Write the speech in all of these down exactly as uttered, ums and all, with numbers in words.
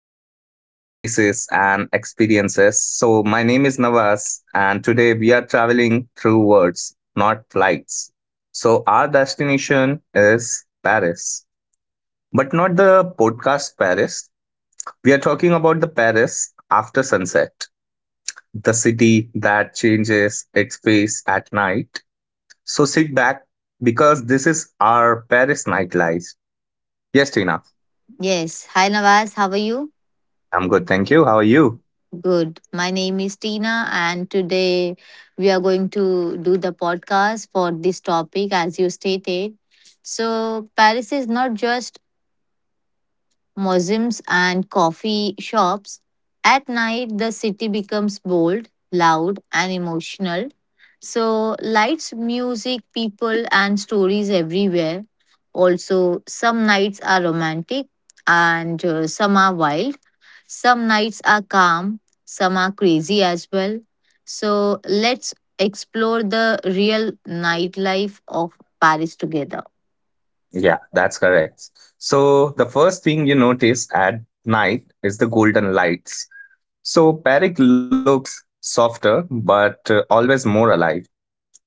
honestly about places and experiences. So, my name is Navas, and today we are traveling through words, not flights. So, our destination is Paris, but not the podcast Paris. We are talking about the Paris after sunset, the city that changes its face at night. So, sit back because this is our Paris nightlife. Yes, Tina. Yes. Hi, Nawaz. How are you? I'm good, thank you. How are you? Good. My name is Tina, and today we are going to do the podcast for this topic, as you stated. So, Paris is not just museums and coffee shops. At night, the city becomes bold, loud, and emotional. So, lights, music, people, and stories everywhere. Also, some nights are romantic and uh, some are wild. Some nights are calm, some are crazy as well. So, let's explore the real nightlife of Paris together. Yeah, that's correct. So the first thing you notice at night is the golden lights. So Parik looks softer, but uh, always more alive.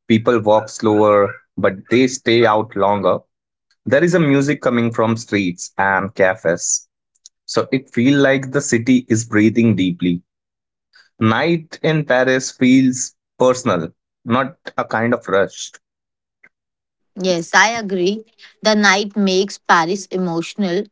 People walk slower, but they stay out longer. There is a music coming from streets and cafes. So it feels like the city is breathing deeply. Night in Paris feels personal, not a kind of rush. Yes, I agree. The night makes Paris emotional.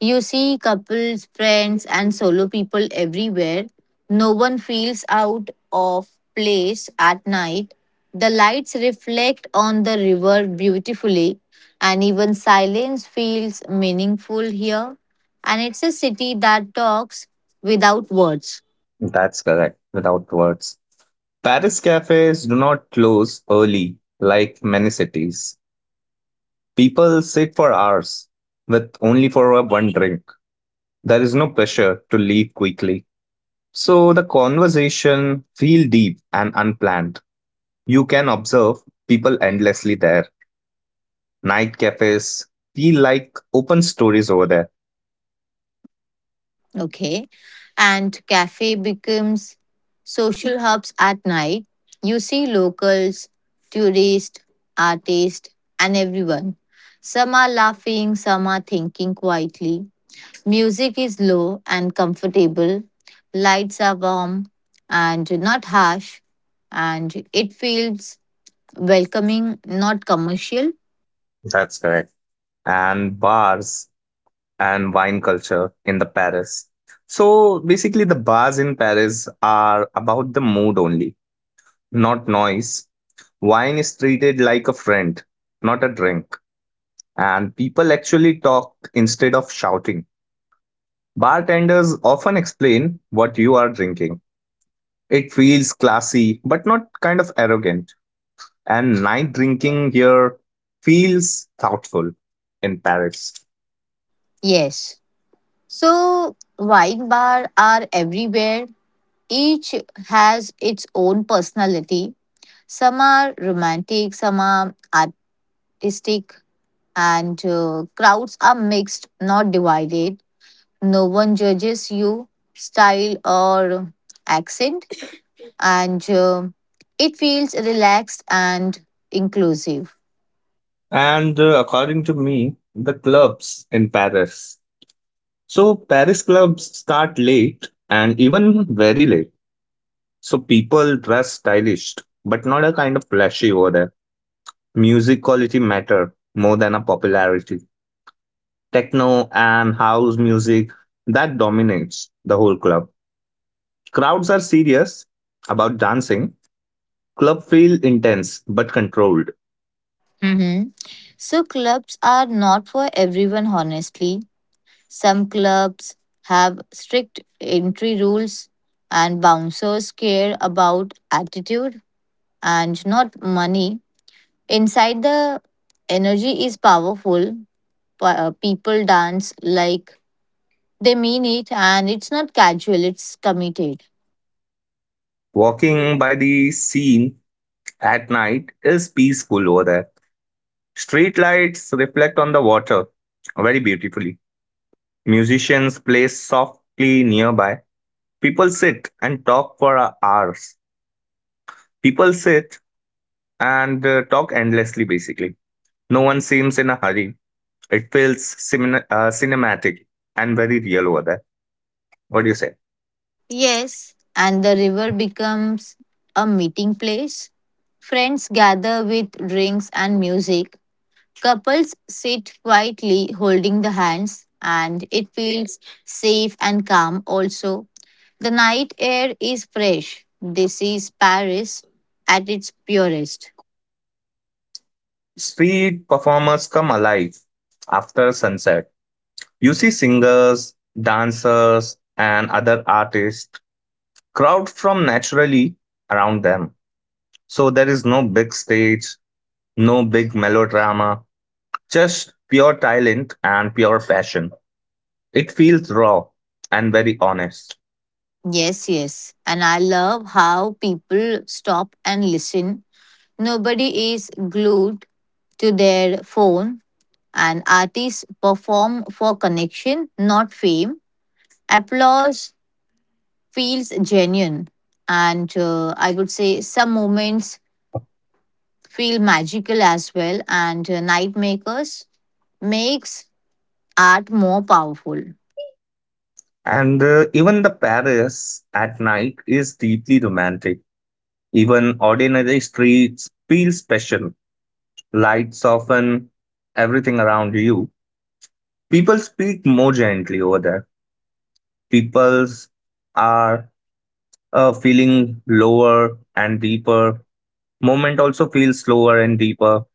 You see couples, friends, and solo people everywhere. No one feels out of place at night. The lights reflect on the river beautifully, and even silence feels meaningful here. And it's a city that talks without words. That's correct, without words. Paris cafes do not close early like many cities. People sit for hours with only for a one drink. There is no pressure to leave quickly. So the conversation feel deep and unplanned. You can observe people endlessly there. Night cafes feel like open stories over there. Okay. And cafe becomes social hubs at night. You see locals, tourists, artists, and everyone. Some are laughing, some are thinking quietly. Music is low and comfortable. Lights are warm and not harsh. And it feels welcoming, not commercial. That's correct. And bars and wine culture in the Paris. So basically the bars in Paris are about the mood only, not noise. Wine is treated like a friend, not a drink, and people actually talk instead of shouting. Bartenders often explain what you are drinking. It feels classy, but not kind of arrogant. And night drinking here feels thoughtful in Paris. Yes. So, wine bars are everywhere. Each has its own personality. Some are romantic, some are artistic, and uh, crowds are mixed, not divided. No one judges you, style, or accent, and uh, it feels relaxed and inclusive. And uh, According to me, the clubs in Paris. So, Paris clubs start late and even very late. So people dress stylish, but not a kind of flashy over there. Music quality matter more than a popularity. Techno and house music that dominates the whole club. Crowds are serious about dancing. Club feel intense but controlled. Mhm. So, clubs are not for everyone, honestly. Some clubs have strict entry rules, and bouncers care about attitude and not money. Inside, the energy is powerful. Pa- uh, People dance like they mean it, and it's not casual, it's committed. Walking by the scene at night is peaceful over there. Street lights reflect on the water very beautifully. Musicians play softly nearby. People sit and talk for hours. People sit and uh, talk endlessly, basically. No one seems in a hurry. It feels cine- uh, cinematic and very real over there. What do you say? Yes, and the river becomes a meeting place. Friends gather with drinks and music. Couples sit quietly holding the hands, and it feels safe and calm also. The night air is fresh. This is Paris at its purest. Street performers come alive after sunset. You see singers, dancers, and other artists crowd from naturally around them. So there is no big stage, no big melodrama, just pure talent and pure passion. It feels raw and very honest. Yes, yes. And I love how people stop and listen. Nobody is glued to their phone, and artists perform for connection, not fame. Applause feels genuine, and uh, I would say some moments feel magical as well, and uh, night makers makes art more powerful. And uh, Even the Paris at night is deeply romantic. Even ordinary streets feel special. Lights soften everything around you. People speak more gently over there. Peoples are uh, feeling lower and deeper. Moment also feels slower and deeper.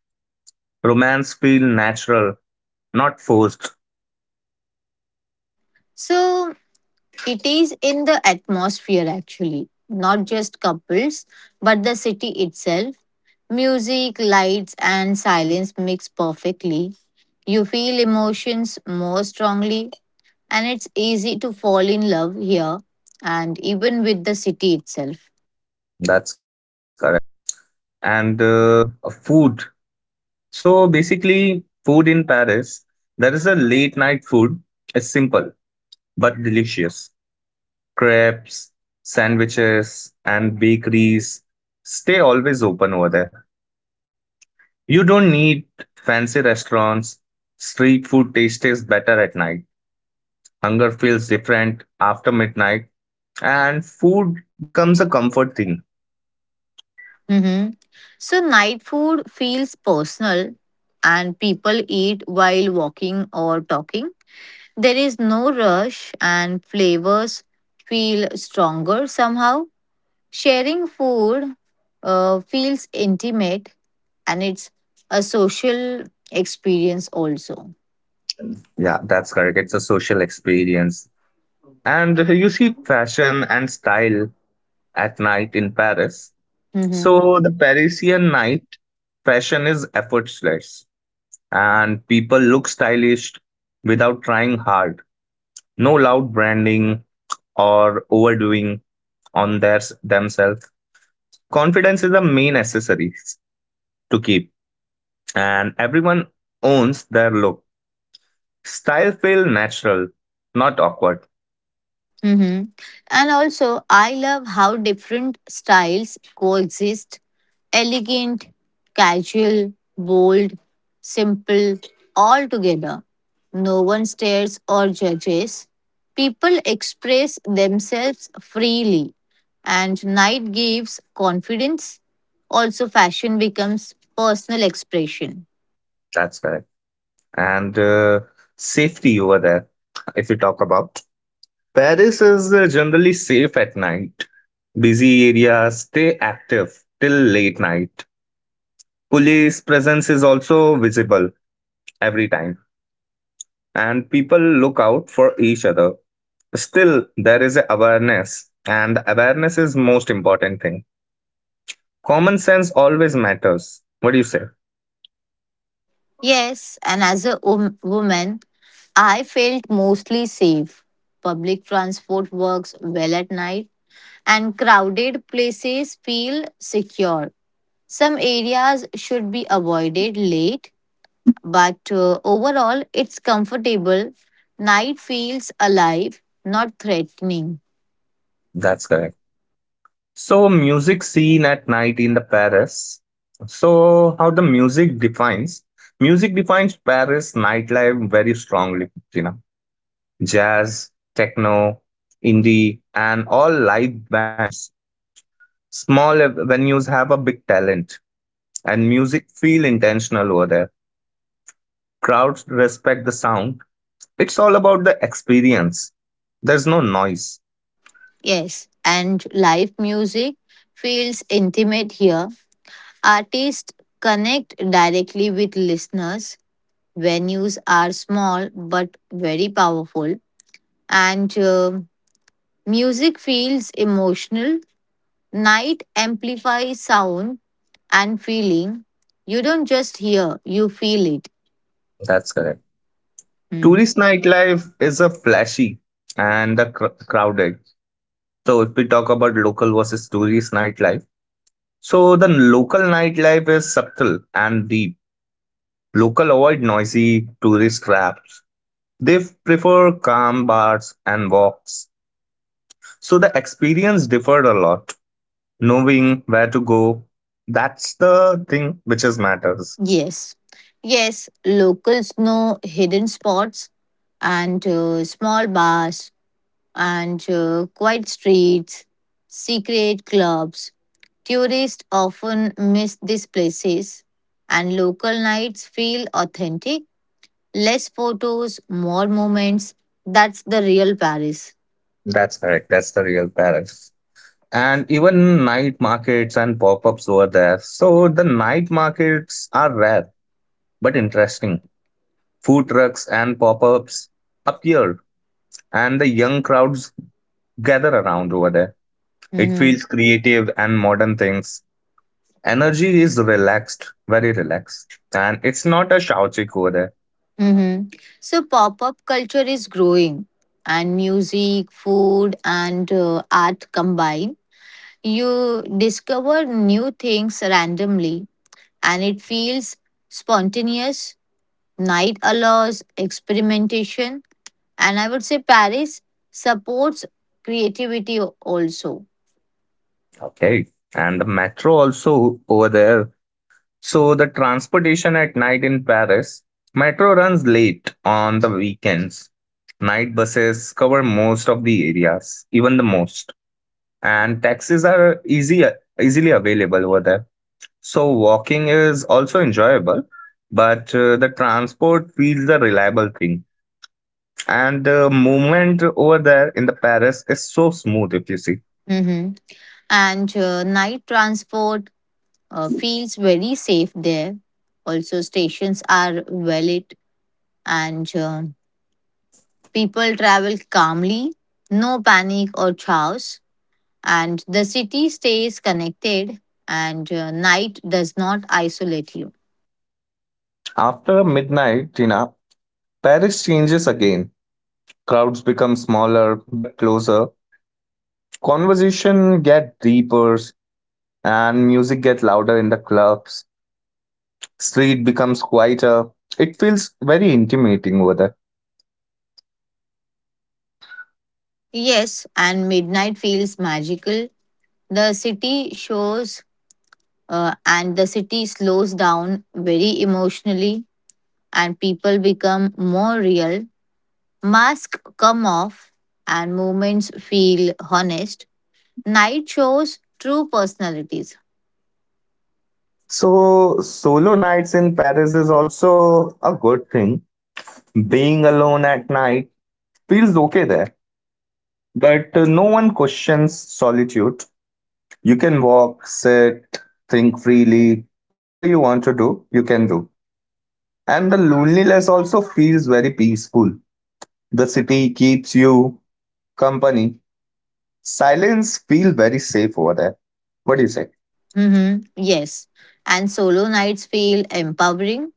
Romance feel natural, not forced. So it is in the atmosphere, actually, not just couples but the city itself. Music, lights, and silence mix perfectly. You feel emotions more strongly, and it's easy to fall in love here, and even with the city itself. That's correct. And uh, Food. So basically, food in Paris, there is a late night food. It's simple but delicious. Crepes, sandwiches, and bakeries stay always open over there. You don't need fancy restaurants. Street food tastes better at night. Hunger feels different after midnight, and food becomes a comfort thing. Mm-hmm. So night food feels personal, and people eat while walking or talking. There is no rush, and flavors feel stronger somehow. Sharing food uh, feels intimate, and it's a social experience also. Yeah, that's correct. It's a social experience. And you see fashion and style at night in Paris. Mm-hmm. So the Parisian night fashion is effortless and people look stylish without trying hard. No loud branding or overdoing on their themselves. Confidence is the main accessory to keep, and everyone owns their look. Style feel natural, not awkward. Mm-hmm. And also, I love how different styles coexist. Elegant, casual, bold, simple, all together. No one stares or judges. People express themselves freely, and night gives confidence. Also, fashion becomes personal expression. That's correct. And uh, Safety over there, if you talk about. Paris is uh, generally safe at night. Busy areas stay active till late night. Police presence is also visible every time, and people look out for each other. Still, there is awareness, and awareness is most important thing. Common sense always matters. What do you say? Yes, and as a wom- woman, I felt mostly safe. Public transport works well at night, and crowded places feel secure. Some areas should be avoided late, but uh, overall, it's comfortable. Night feels alive, not threatening. That's correct. So, music scene at night in the Paris. So, how the music defines? Music defines Paris nightlife very strongly, Tina. Jazz, techno, indie, and all live bands. Small venues have a big talent, and music feel intentional over there. Crowds respect the sound. It's all about the experience. There's no noise. Yes, and live music feels intimate here. Artists connect directly with listeners. Venues are small but very powerful, and uh, music feels emotional. Night amplifies sound and feeling. You don't just hear, you feel it. That's correct. Hmm. Tourist nightlife is a flashy and the cr- crowded. So if we talk about local versus tourist nightlife, so the local nightlife is subtle and deep. Local avoid noisy tourist rap. They prefer calm bars and walks. So the experience differed a lot. Knowing where to go, that's the thing which is matters. Yes. Yes, locals know hidden spots and uh, small bars and uh, quiet streets, secret clubs. Tourists often miss these places, and local nights feel authentic. Less photos, more moments. That's the real Paris. That's correct. That's the real Paris. And even night markets and pop-ups were there. So the night markets are rare but interesting. Food trucks and pop-ups appear, and the young crowds gather around over there. It Mm-hmm. feels creative and modern things. Energy is relaxed, very relaxed. And it's not a chaotic over there. Mm-hmm. So pop up culture is growing, and music, food, and uh, art combine. You discover new things randomly, and it feels spontaneous. Night allows experimentation, and I would say Paris supports creativity al- also. Okay. And the metro also over there. So the transportation at night in Paris, metro runs late on the weekends. Night buses cover most of the areas, even the most. And taxis are easy easily available over there. So walking is also enjoyable, but uh, the transport feels a reliable thing. And the movement over there in the Paris is so smooth if you see. Mm-hmm. And uh, night transport uh, feels very safe there. Also, stations are well lit and uh, people travel calmly, no panic or chaos, and the city stays connected, and uh, night does not isolate you. After midnight, Tina, Paris changes again. Crowds become smaller but closer. Conversation get deeper and music get louder in the clubs. Street becomes quieter. It feels very intimidating over there. Yes, and midnight feels magical. The city shows uh, and the city slows down very emotionally, and people become more real. Masks come off, and moments feel honest. Night shows true personalities. So solo nights in Paris is also a good thing. Being alone at night feels okay there. But uh, no one questions solitude. You can walk, sit, think freely. Whatever you want to do, you can do. And the loneliness also feels very peaceful. The city keeps you company. Silence feels very safe over there. What do you say? Mm-hmm. Yes. And solo nights feel empowering.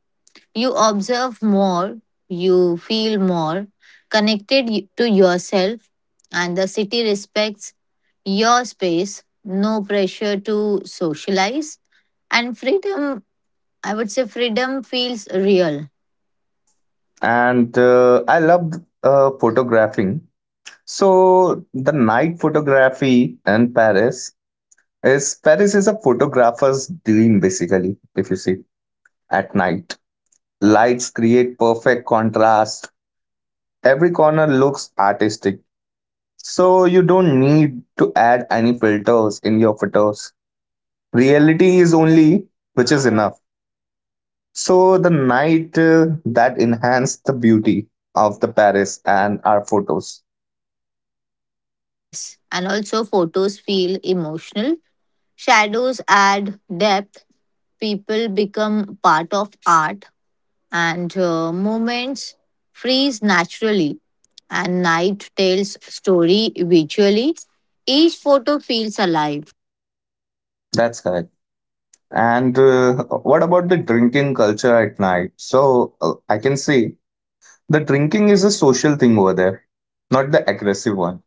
You observe more, you feel more connected y- to yourself, and the city respects your space, no pressure to socialize. And freedom, I would say, freedom feels real. And uh, I loved uh, photographing. So the night photography in Paris is Paris is a photographer's dream basically. If you see at night, lights create perfect contrast. Every corner looks artistic, so you don't need to add any filters in your photos. Reality is only which is enough. So the night uh, that enhanced the beauty of the Paris and our photos. Yes. And also, photos feel emotional. Shadows add depth. People become part of art, and uh, movements freeze naturally, and night tells story visually. Each photo feels alive. That's correct. And uh, What about the drinking culture at night? So uh, I can say the drinking is a social thing over there, not the aggressive one.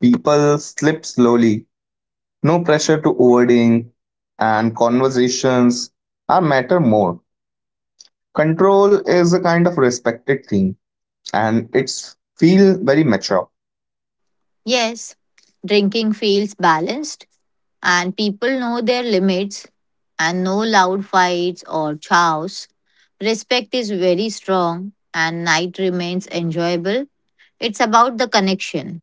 People slip slowly. No pressure to overdoing, and conversations are matter more. Control is a kind of respected thing, and it's feel very mature. Yes, drinking feels balanced, and people know their limits, and no loud fights or chows. Respect is very strong, and night remains enjoyable. It's about the connection.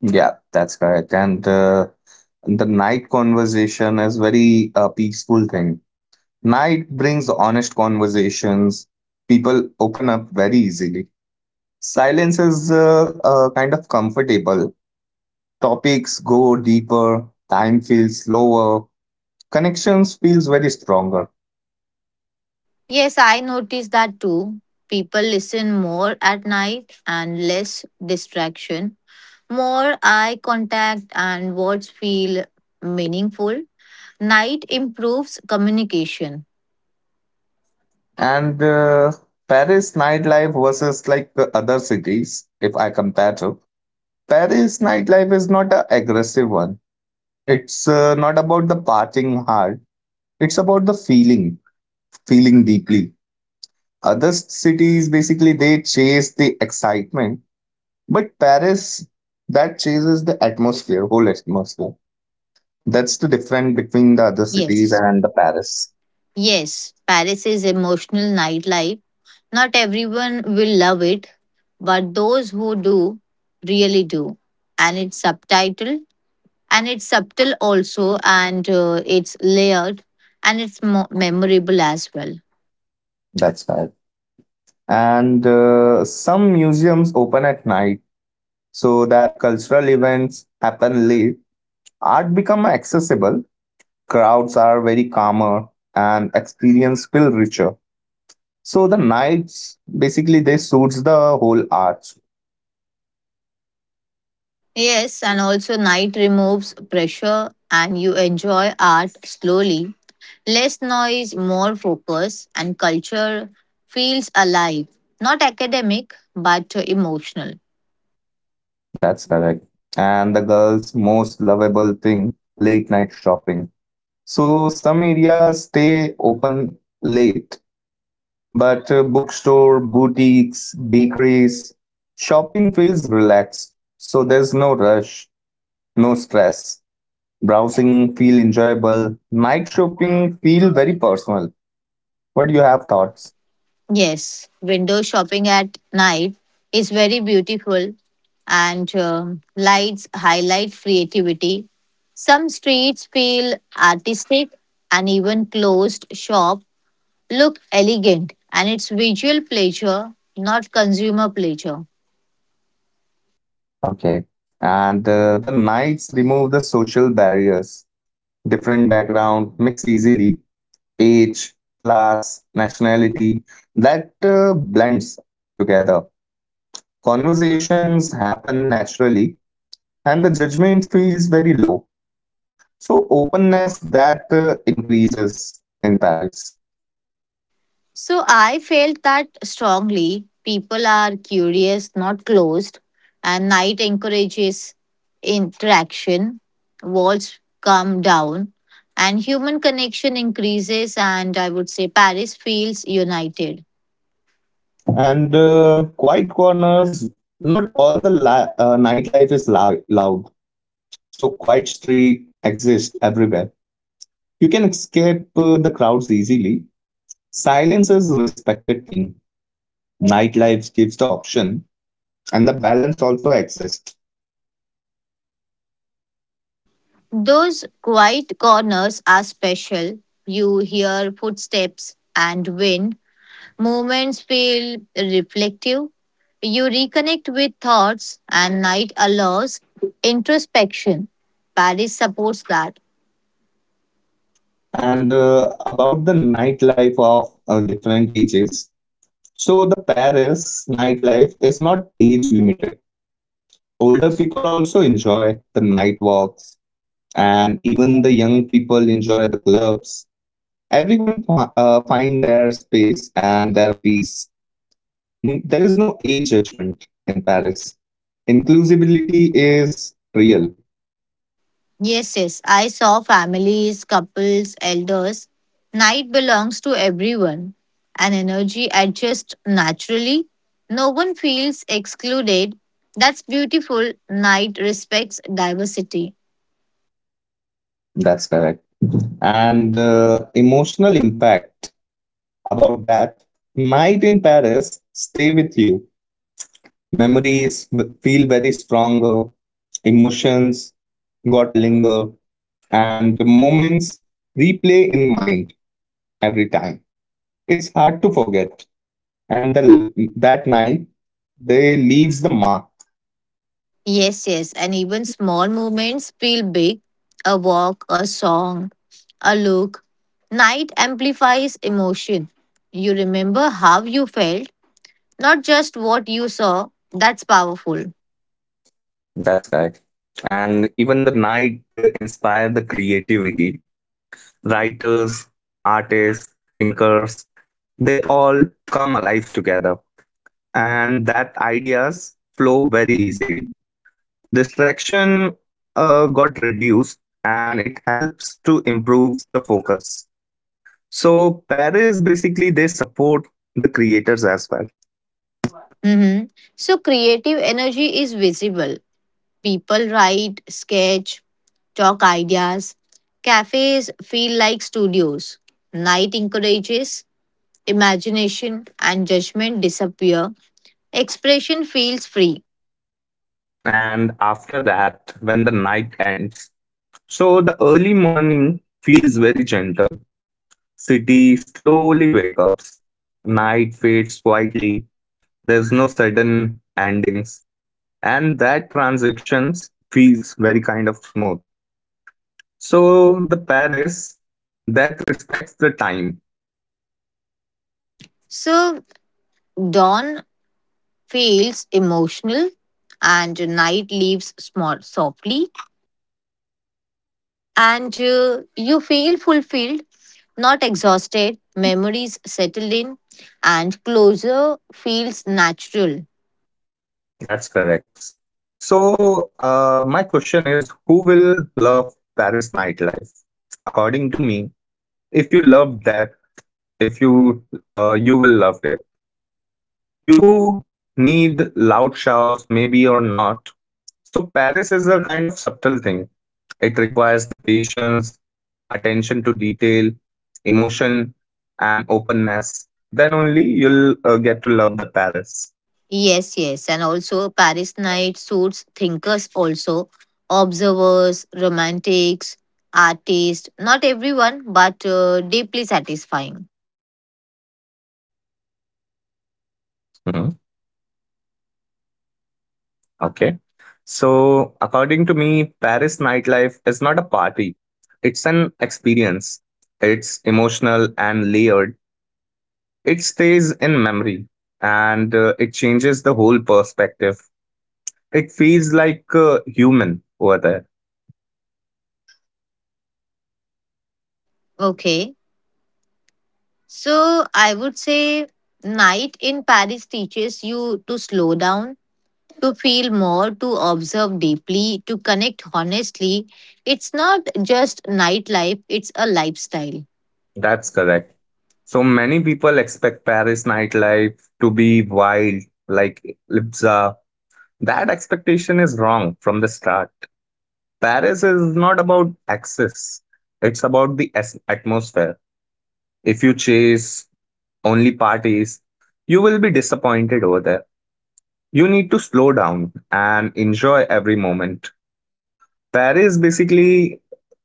Yeah, that's correct. And uh, the night conversation is very uh, peaceful thing. Night brings honest conversations. People open up very easily. Silence is uh, uh, kind of comfortable. Topics go deeper. Time feels slower. Connections feels very stronger. Yes, I noticed that too. People listen more at night and less distraction, more eye contact, and words feel meaningful. Night improves communication. And uh, Paris nightlife versus like the other cities, if I compare to Paris nightlife is not a aggressive one. It's uh, not about the partying hard. It's about the feeling, feeling deeply. Other cities basically they chase the excitement, but Paris that chases the atmosphere, whole atmosphere. That's the difference between the other cities Yes. and the Paris. Yes. Paris is emotional nightlife. Not everyone will love it, but those who do really do. And it's subtitle, and it's subtle also, and uh, it's layered, and it's mo- memorable as well. That's right. And uh, Some museums open at night so that cultural events happen late, art become accessible, crowds are very calmer, and experience feel richer. So the nights basically they suits the whole arts. Yes, and also night removes pressure, and you enjoy art slowly. Less noise, more focus, and culture feels alive, not academic, but emotional. That's correct. And the girls' most lovable thing, late night shopping. So some areas stay open late, but uh, bookstore, boutiques, bakeries, shopping feels relaxed. So there's no rush, no stress. Browsing feel enjoyable. Night shopping feel very personal. What do you have thoughts? Yes, window shopping at night is very beautiful, and um, lights highlight creativity. Some streets feel artistic, and even closed shop look elegant, and it's visual pleasure, not consumer pleasure. Okay. And uh, the nights remove the social barriers. Different background mix easily. Age, class, nationality that uh, blends together. Conversations happen naturally, and the judgment feels very low. So openness that uh, increases in Paris. So I felt that strongly. People are curious, not closed, and night encourages interaction. Walls come down, and human connection increases. And I would say Paris feels united. And uh, Quiet corners, not all the la- uh, nightlife is la- loud, so quiet street exist everywhere. You can escape uh, the crowds easily. Silence is a respected thing. Nightlife gives the option, and the balance also exists. Those quiet corners are special. You hear footsteps and wind. Moments feel reflective. You reconnect with thoughts, and night allows introspection. Paris supports that. And uh, About the nightlife of uh, different ages, so the Paris nightlife is not age limited. Older people also enjoy the night walks, and even the young people enjoy the clubs. Everyone fi- uh, find their space and their peace. Mm, there is no age judgment in Paris. Inclusivity is real. Yes, yes, I saw families, couples, elders. Night belongs to everyone, and energy adjusts naturally. No one feels excluded. That's beautiful. Night respects diversity. That's correct. And the emotional impact about that night in Paris stay with you. Memories w- feel very stronger. Emotions got linger, and moments replay in mind every time. It's hard to forget. And the that night, they leaves the mark. Yes, yes. And even small movements feel big. A walk, a song, a look. Night amplifies emotion. You remember how you felt, not just what you saw. That's powerful. That's right. And even the night uh, inspired the creativity. Writers, artists, thinkers, they all come alive together. And that ideas flow very easily. Distraction uh, got reduced and it helps to improve the focus. So Paris basically they support the creators as well. Mm-hmm. So, creative energy is visible. People write, sketch, talk ideas. Cafes feel like studios. Night encourages imagination, and judgment disappear. Expression feels free. And after that when the night ends, so the early morning feels very gentle. City slowly wake up. Night fades quietly. There's no sudden endings, and that transitions feels very kind of smooth. So the Paris that respects the time. So dawn feels emotional, and night leaves small softly, and uh, you feel fulfilled, not exhausted. Memories settle in, and closure feels natural. That's correct. So uh, my question is who will love Paris nightlife? According to me, if you love that, if you uh, you will love it. You need loud shouts, maybe or not. So Paris is a kind of subtle thing. It requires the patience, attention to detail, emotion, and openness, then only you'll uh, get to love the Paris. Yes, yes, and also Paris night suits thinkers also, observers, romantics, artists. Not everyone, but uh, deeply satisfying. Hmm. Okay. So, according to me, Paris nightlife is not a party, it's an experience. It's emotional and layered. It stays in memory, and uh, it changes the whole perspective. It feels like uh, human over there. Okay. So I would say, night in Paris teaches you to slow down, to feel more, to observe deeply, to connect honestly. It's not just nightlife, it's a lifestyle. That's correct. So many people expect Paris nightlife to be wild, like Lipsa. That expectation is wrong from the start. Paris is not about access, it's about the as- atmosphere. If you chase only parties, you will be disappointed over there. You need to slow down and enjoy every moment. Paris basically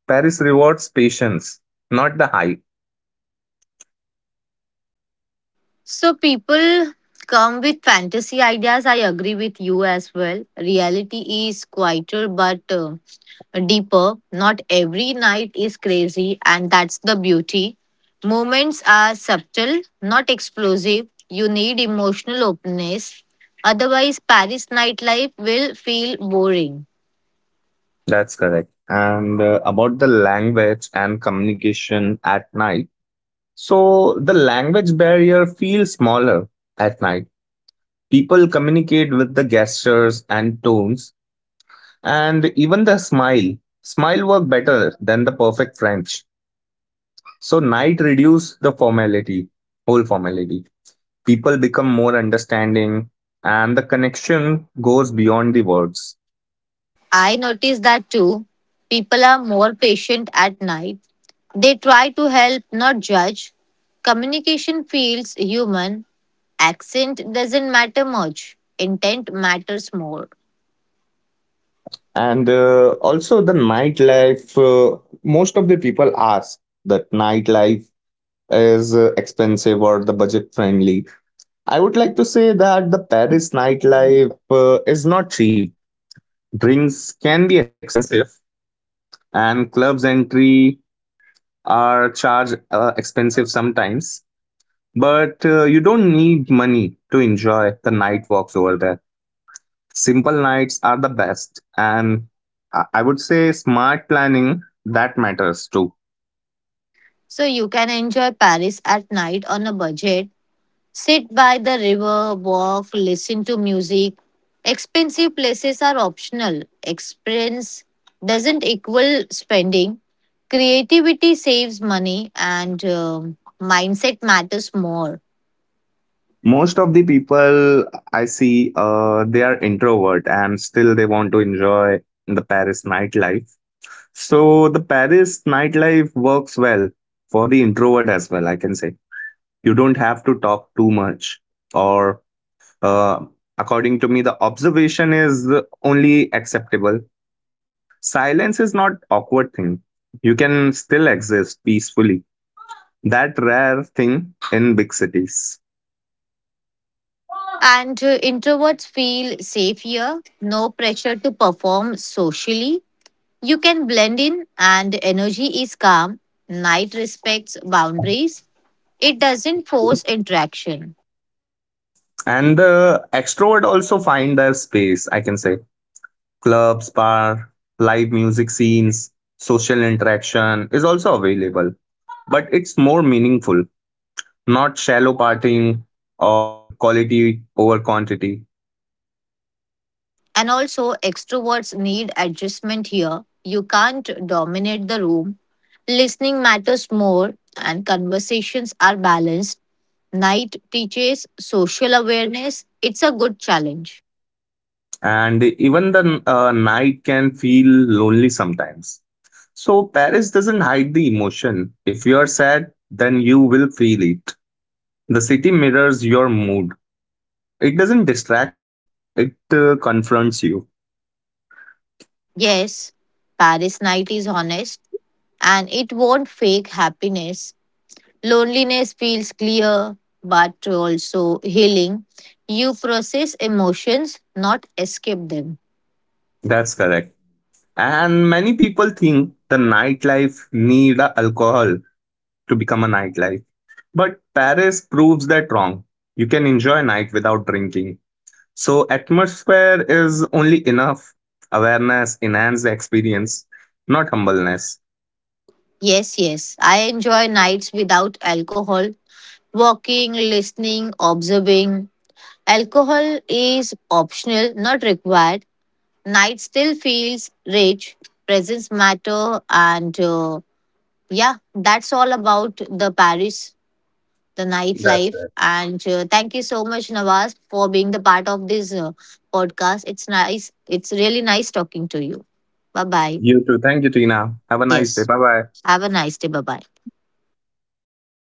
Paris rewards patience, not the hype. So people come with fantasy ideas. I agree with you as well. Reality is quieter but uh, deeper. Not every night is crazy, and that's the beauty. Moments are subtle, not explosive. You need emotional openness. Otherwise, Paris nightlife will feel boring. That's correct. And uh, About the language and communication at night. So the language barrier feels smaller at night. People communicate with the gestures and tones and even the smile. Smile work better than the perfect French. So night reduce the formality, whole formality. People become more understanding and the connection goes beyond the words. I noticed that too. People are more patient at night. They try to help, not judge. Communication feels human. Accent doesn't matter much, intent matters more. And uh, Also the nightlife, uh, most of the people ask that nightlife is uh, expensive or the budget friendly. I would like to say that the Paris nightlife uh, is not cheap. Drinks can be expensive, and clubs entry are charged uh, expensive sometimes. But uh, you don't need money to enjoy the night walks over there. Simple nights are the best, and I I would say smart planning that matters too. So you can enjoy Paris at night on a budget. Sit by the river, walk, listen to music. Expensive places are optional. Experience doesn't equal spending. Creativity saves money, and um, mindset matters more. Most of the people I see, uh, they are introvert and still they want to enjoy the Paris nightlife. So the Paris nightlife works well for the introvert as well, I can say. You don't have to talk too much, or uh, according to me, the observation is only acceptable. Silence is not awkward thing. You can still exist peacefully. That rare thing in big cities. And uh, Introverts feel safe here, no pressure to perform socially. You can blend in, and energy is calm. Night respects boundaries, it doesn't force interaction. And the extrovert also find their space, I can say. Clubs, bar, live music scenes, social interaction is also available. But it's more meaningful, not shallow partying or quality over quantity. And also, extroverts need adjustment here. You can't dominate the room. Listening matters more, and conversations are balanced. Night teaches social awareness. It's a good challenge. And even the uh, night can feel lonely sometimes. So Paris doesn't hide the emotion. If you are sad, then you will feel it. The city mirrors your mood. It doesn't distract you, it uh, confronts you. Yes, Paris night is honest, and it won't fake happiness. Loneliness feels clear but also healing. You process emotions, not escape them. That's correct. And many people think the nightlife need a alcohol to become a nightlife. But Paris proves that wrong. You can enjoy night without drinking. So atmosphere is only enough. Awareness enhance the experience, not humbleness. Yes, yes. I enjoy nights without alcohol, walking, listening, observing. Alcohol is optional, not required. Night still feels rich. Presence matter, and uh, yeah, that's all about the Paris, the That's nightlife. it. And uh, thank you so much, Nawaz, for being the part of this uh, podcast. It's nice. It's really nice talking to you. Bye bye. You too. Thank you, Tina. Have a nice day. Yes. Bye bye. Have a nice day. Bye bye.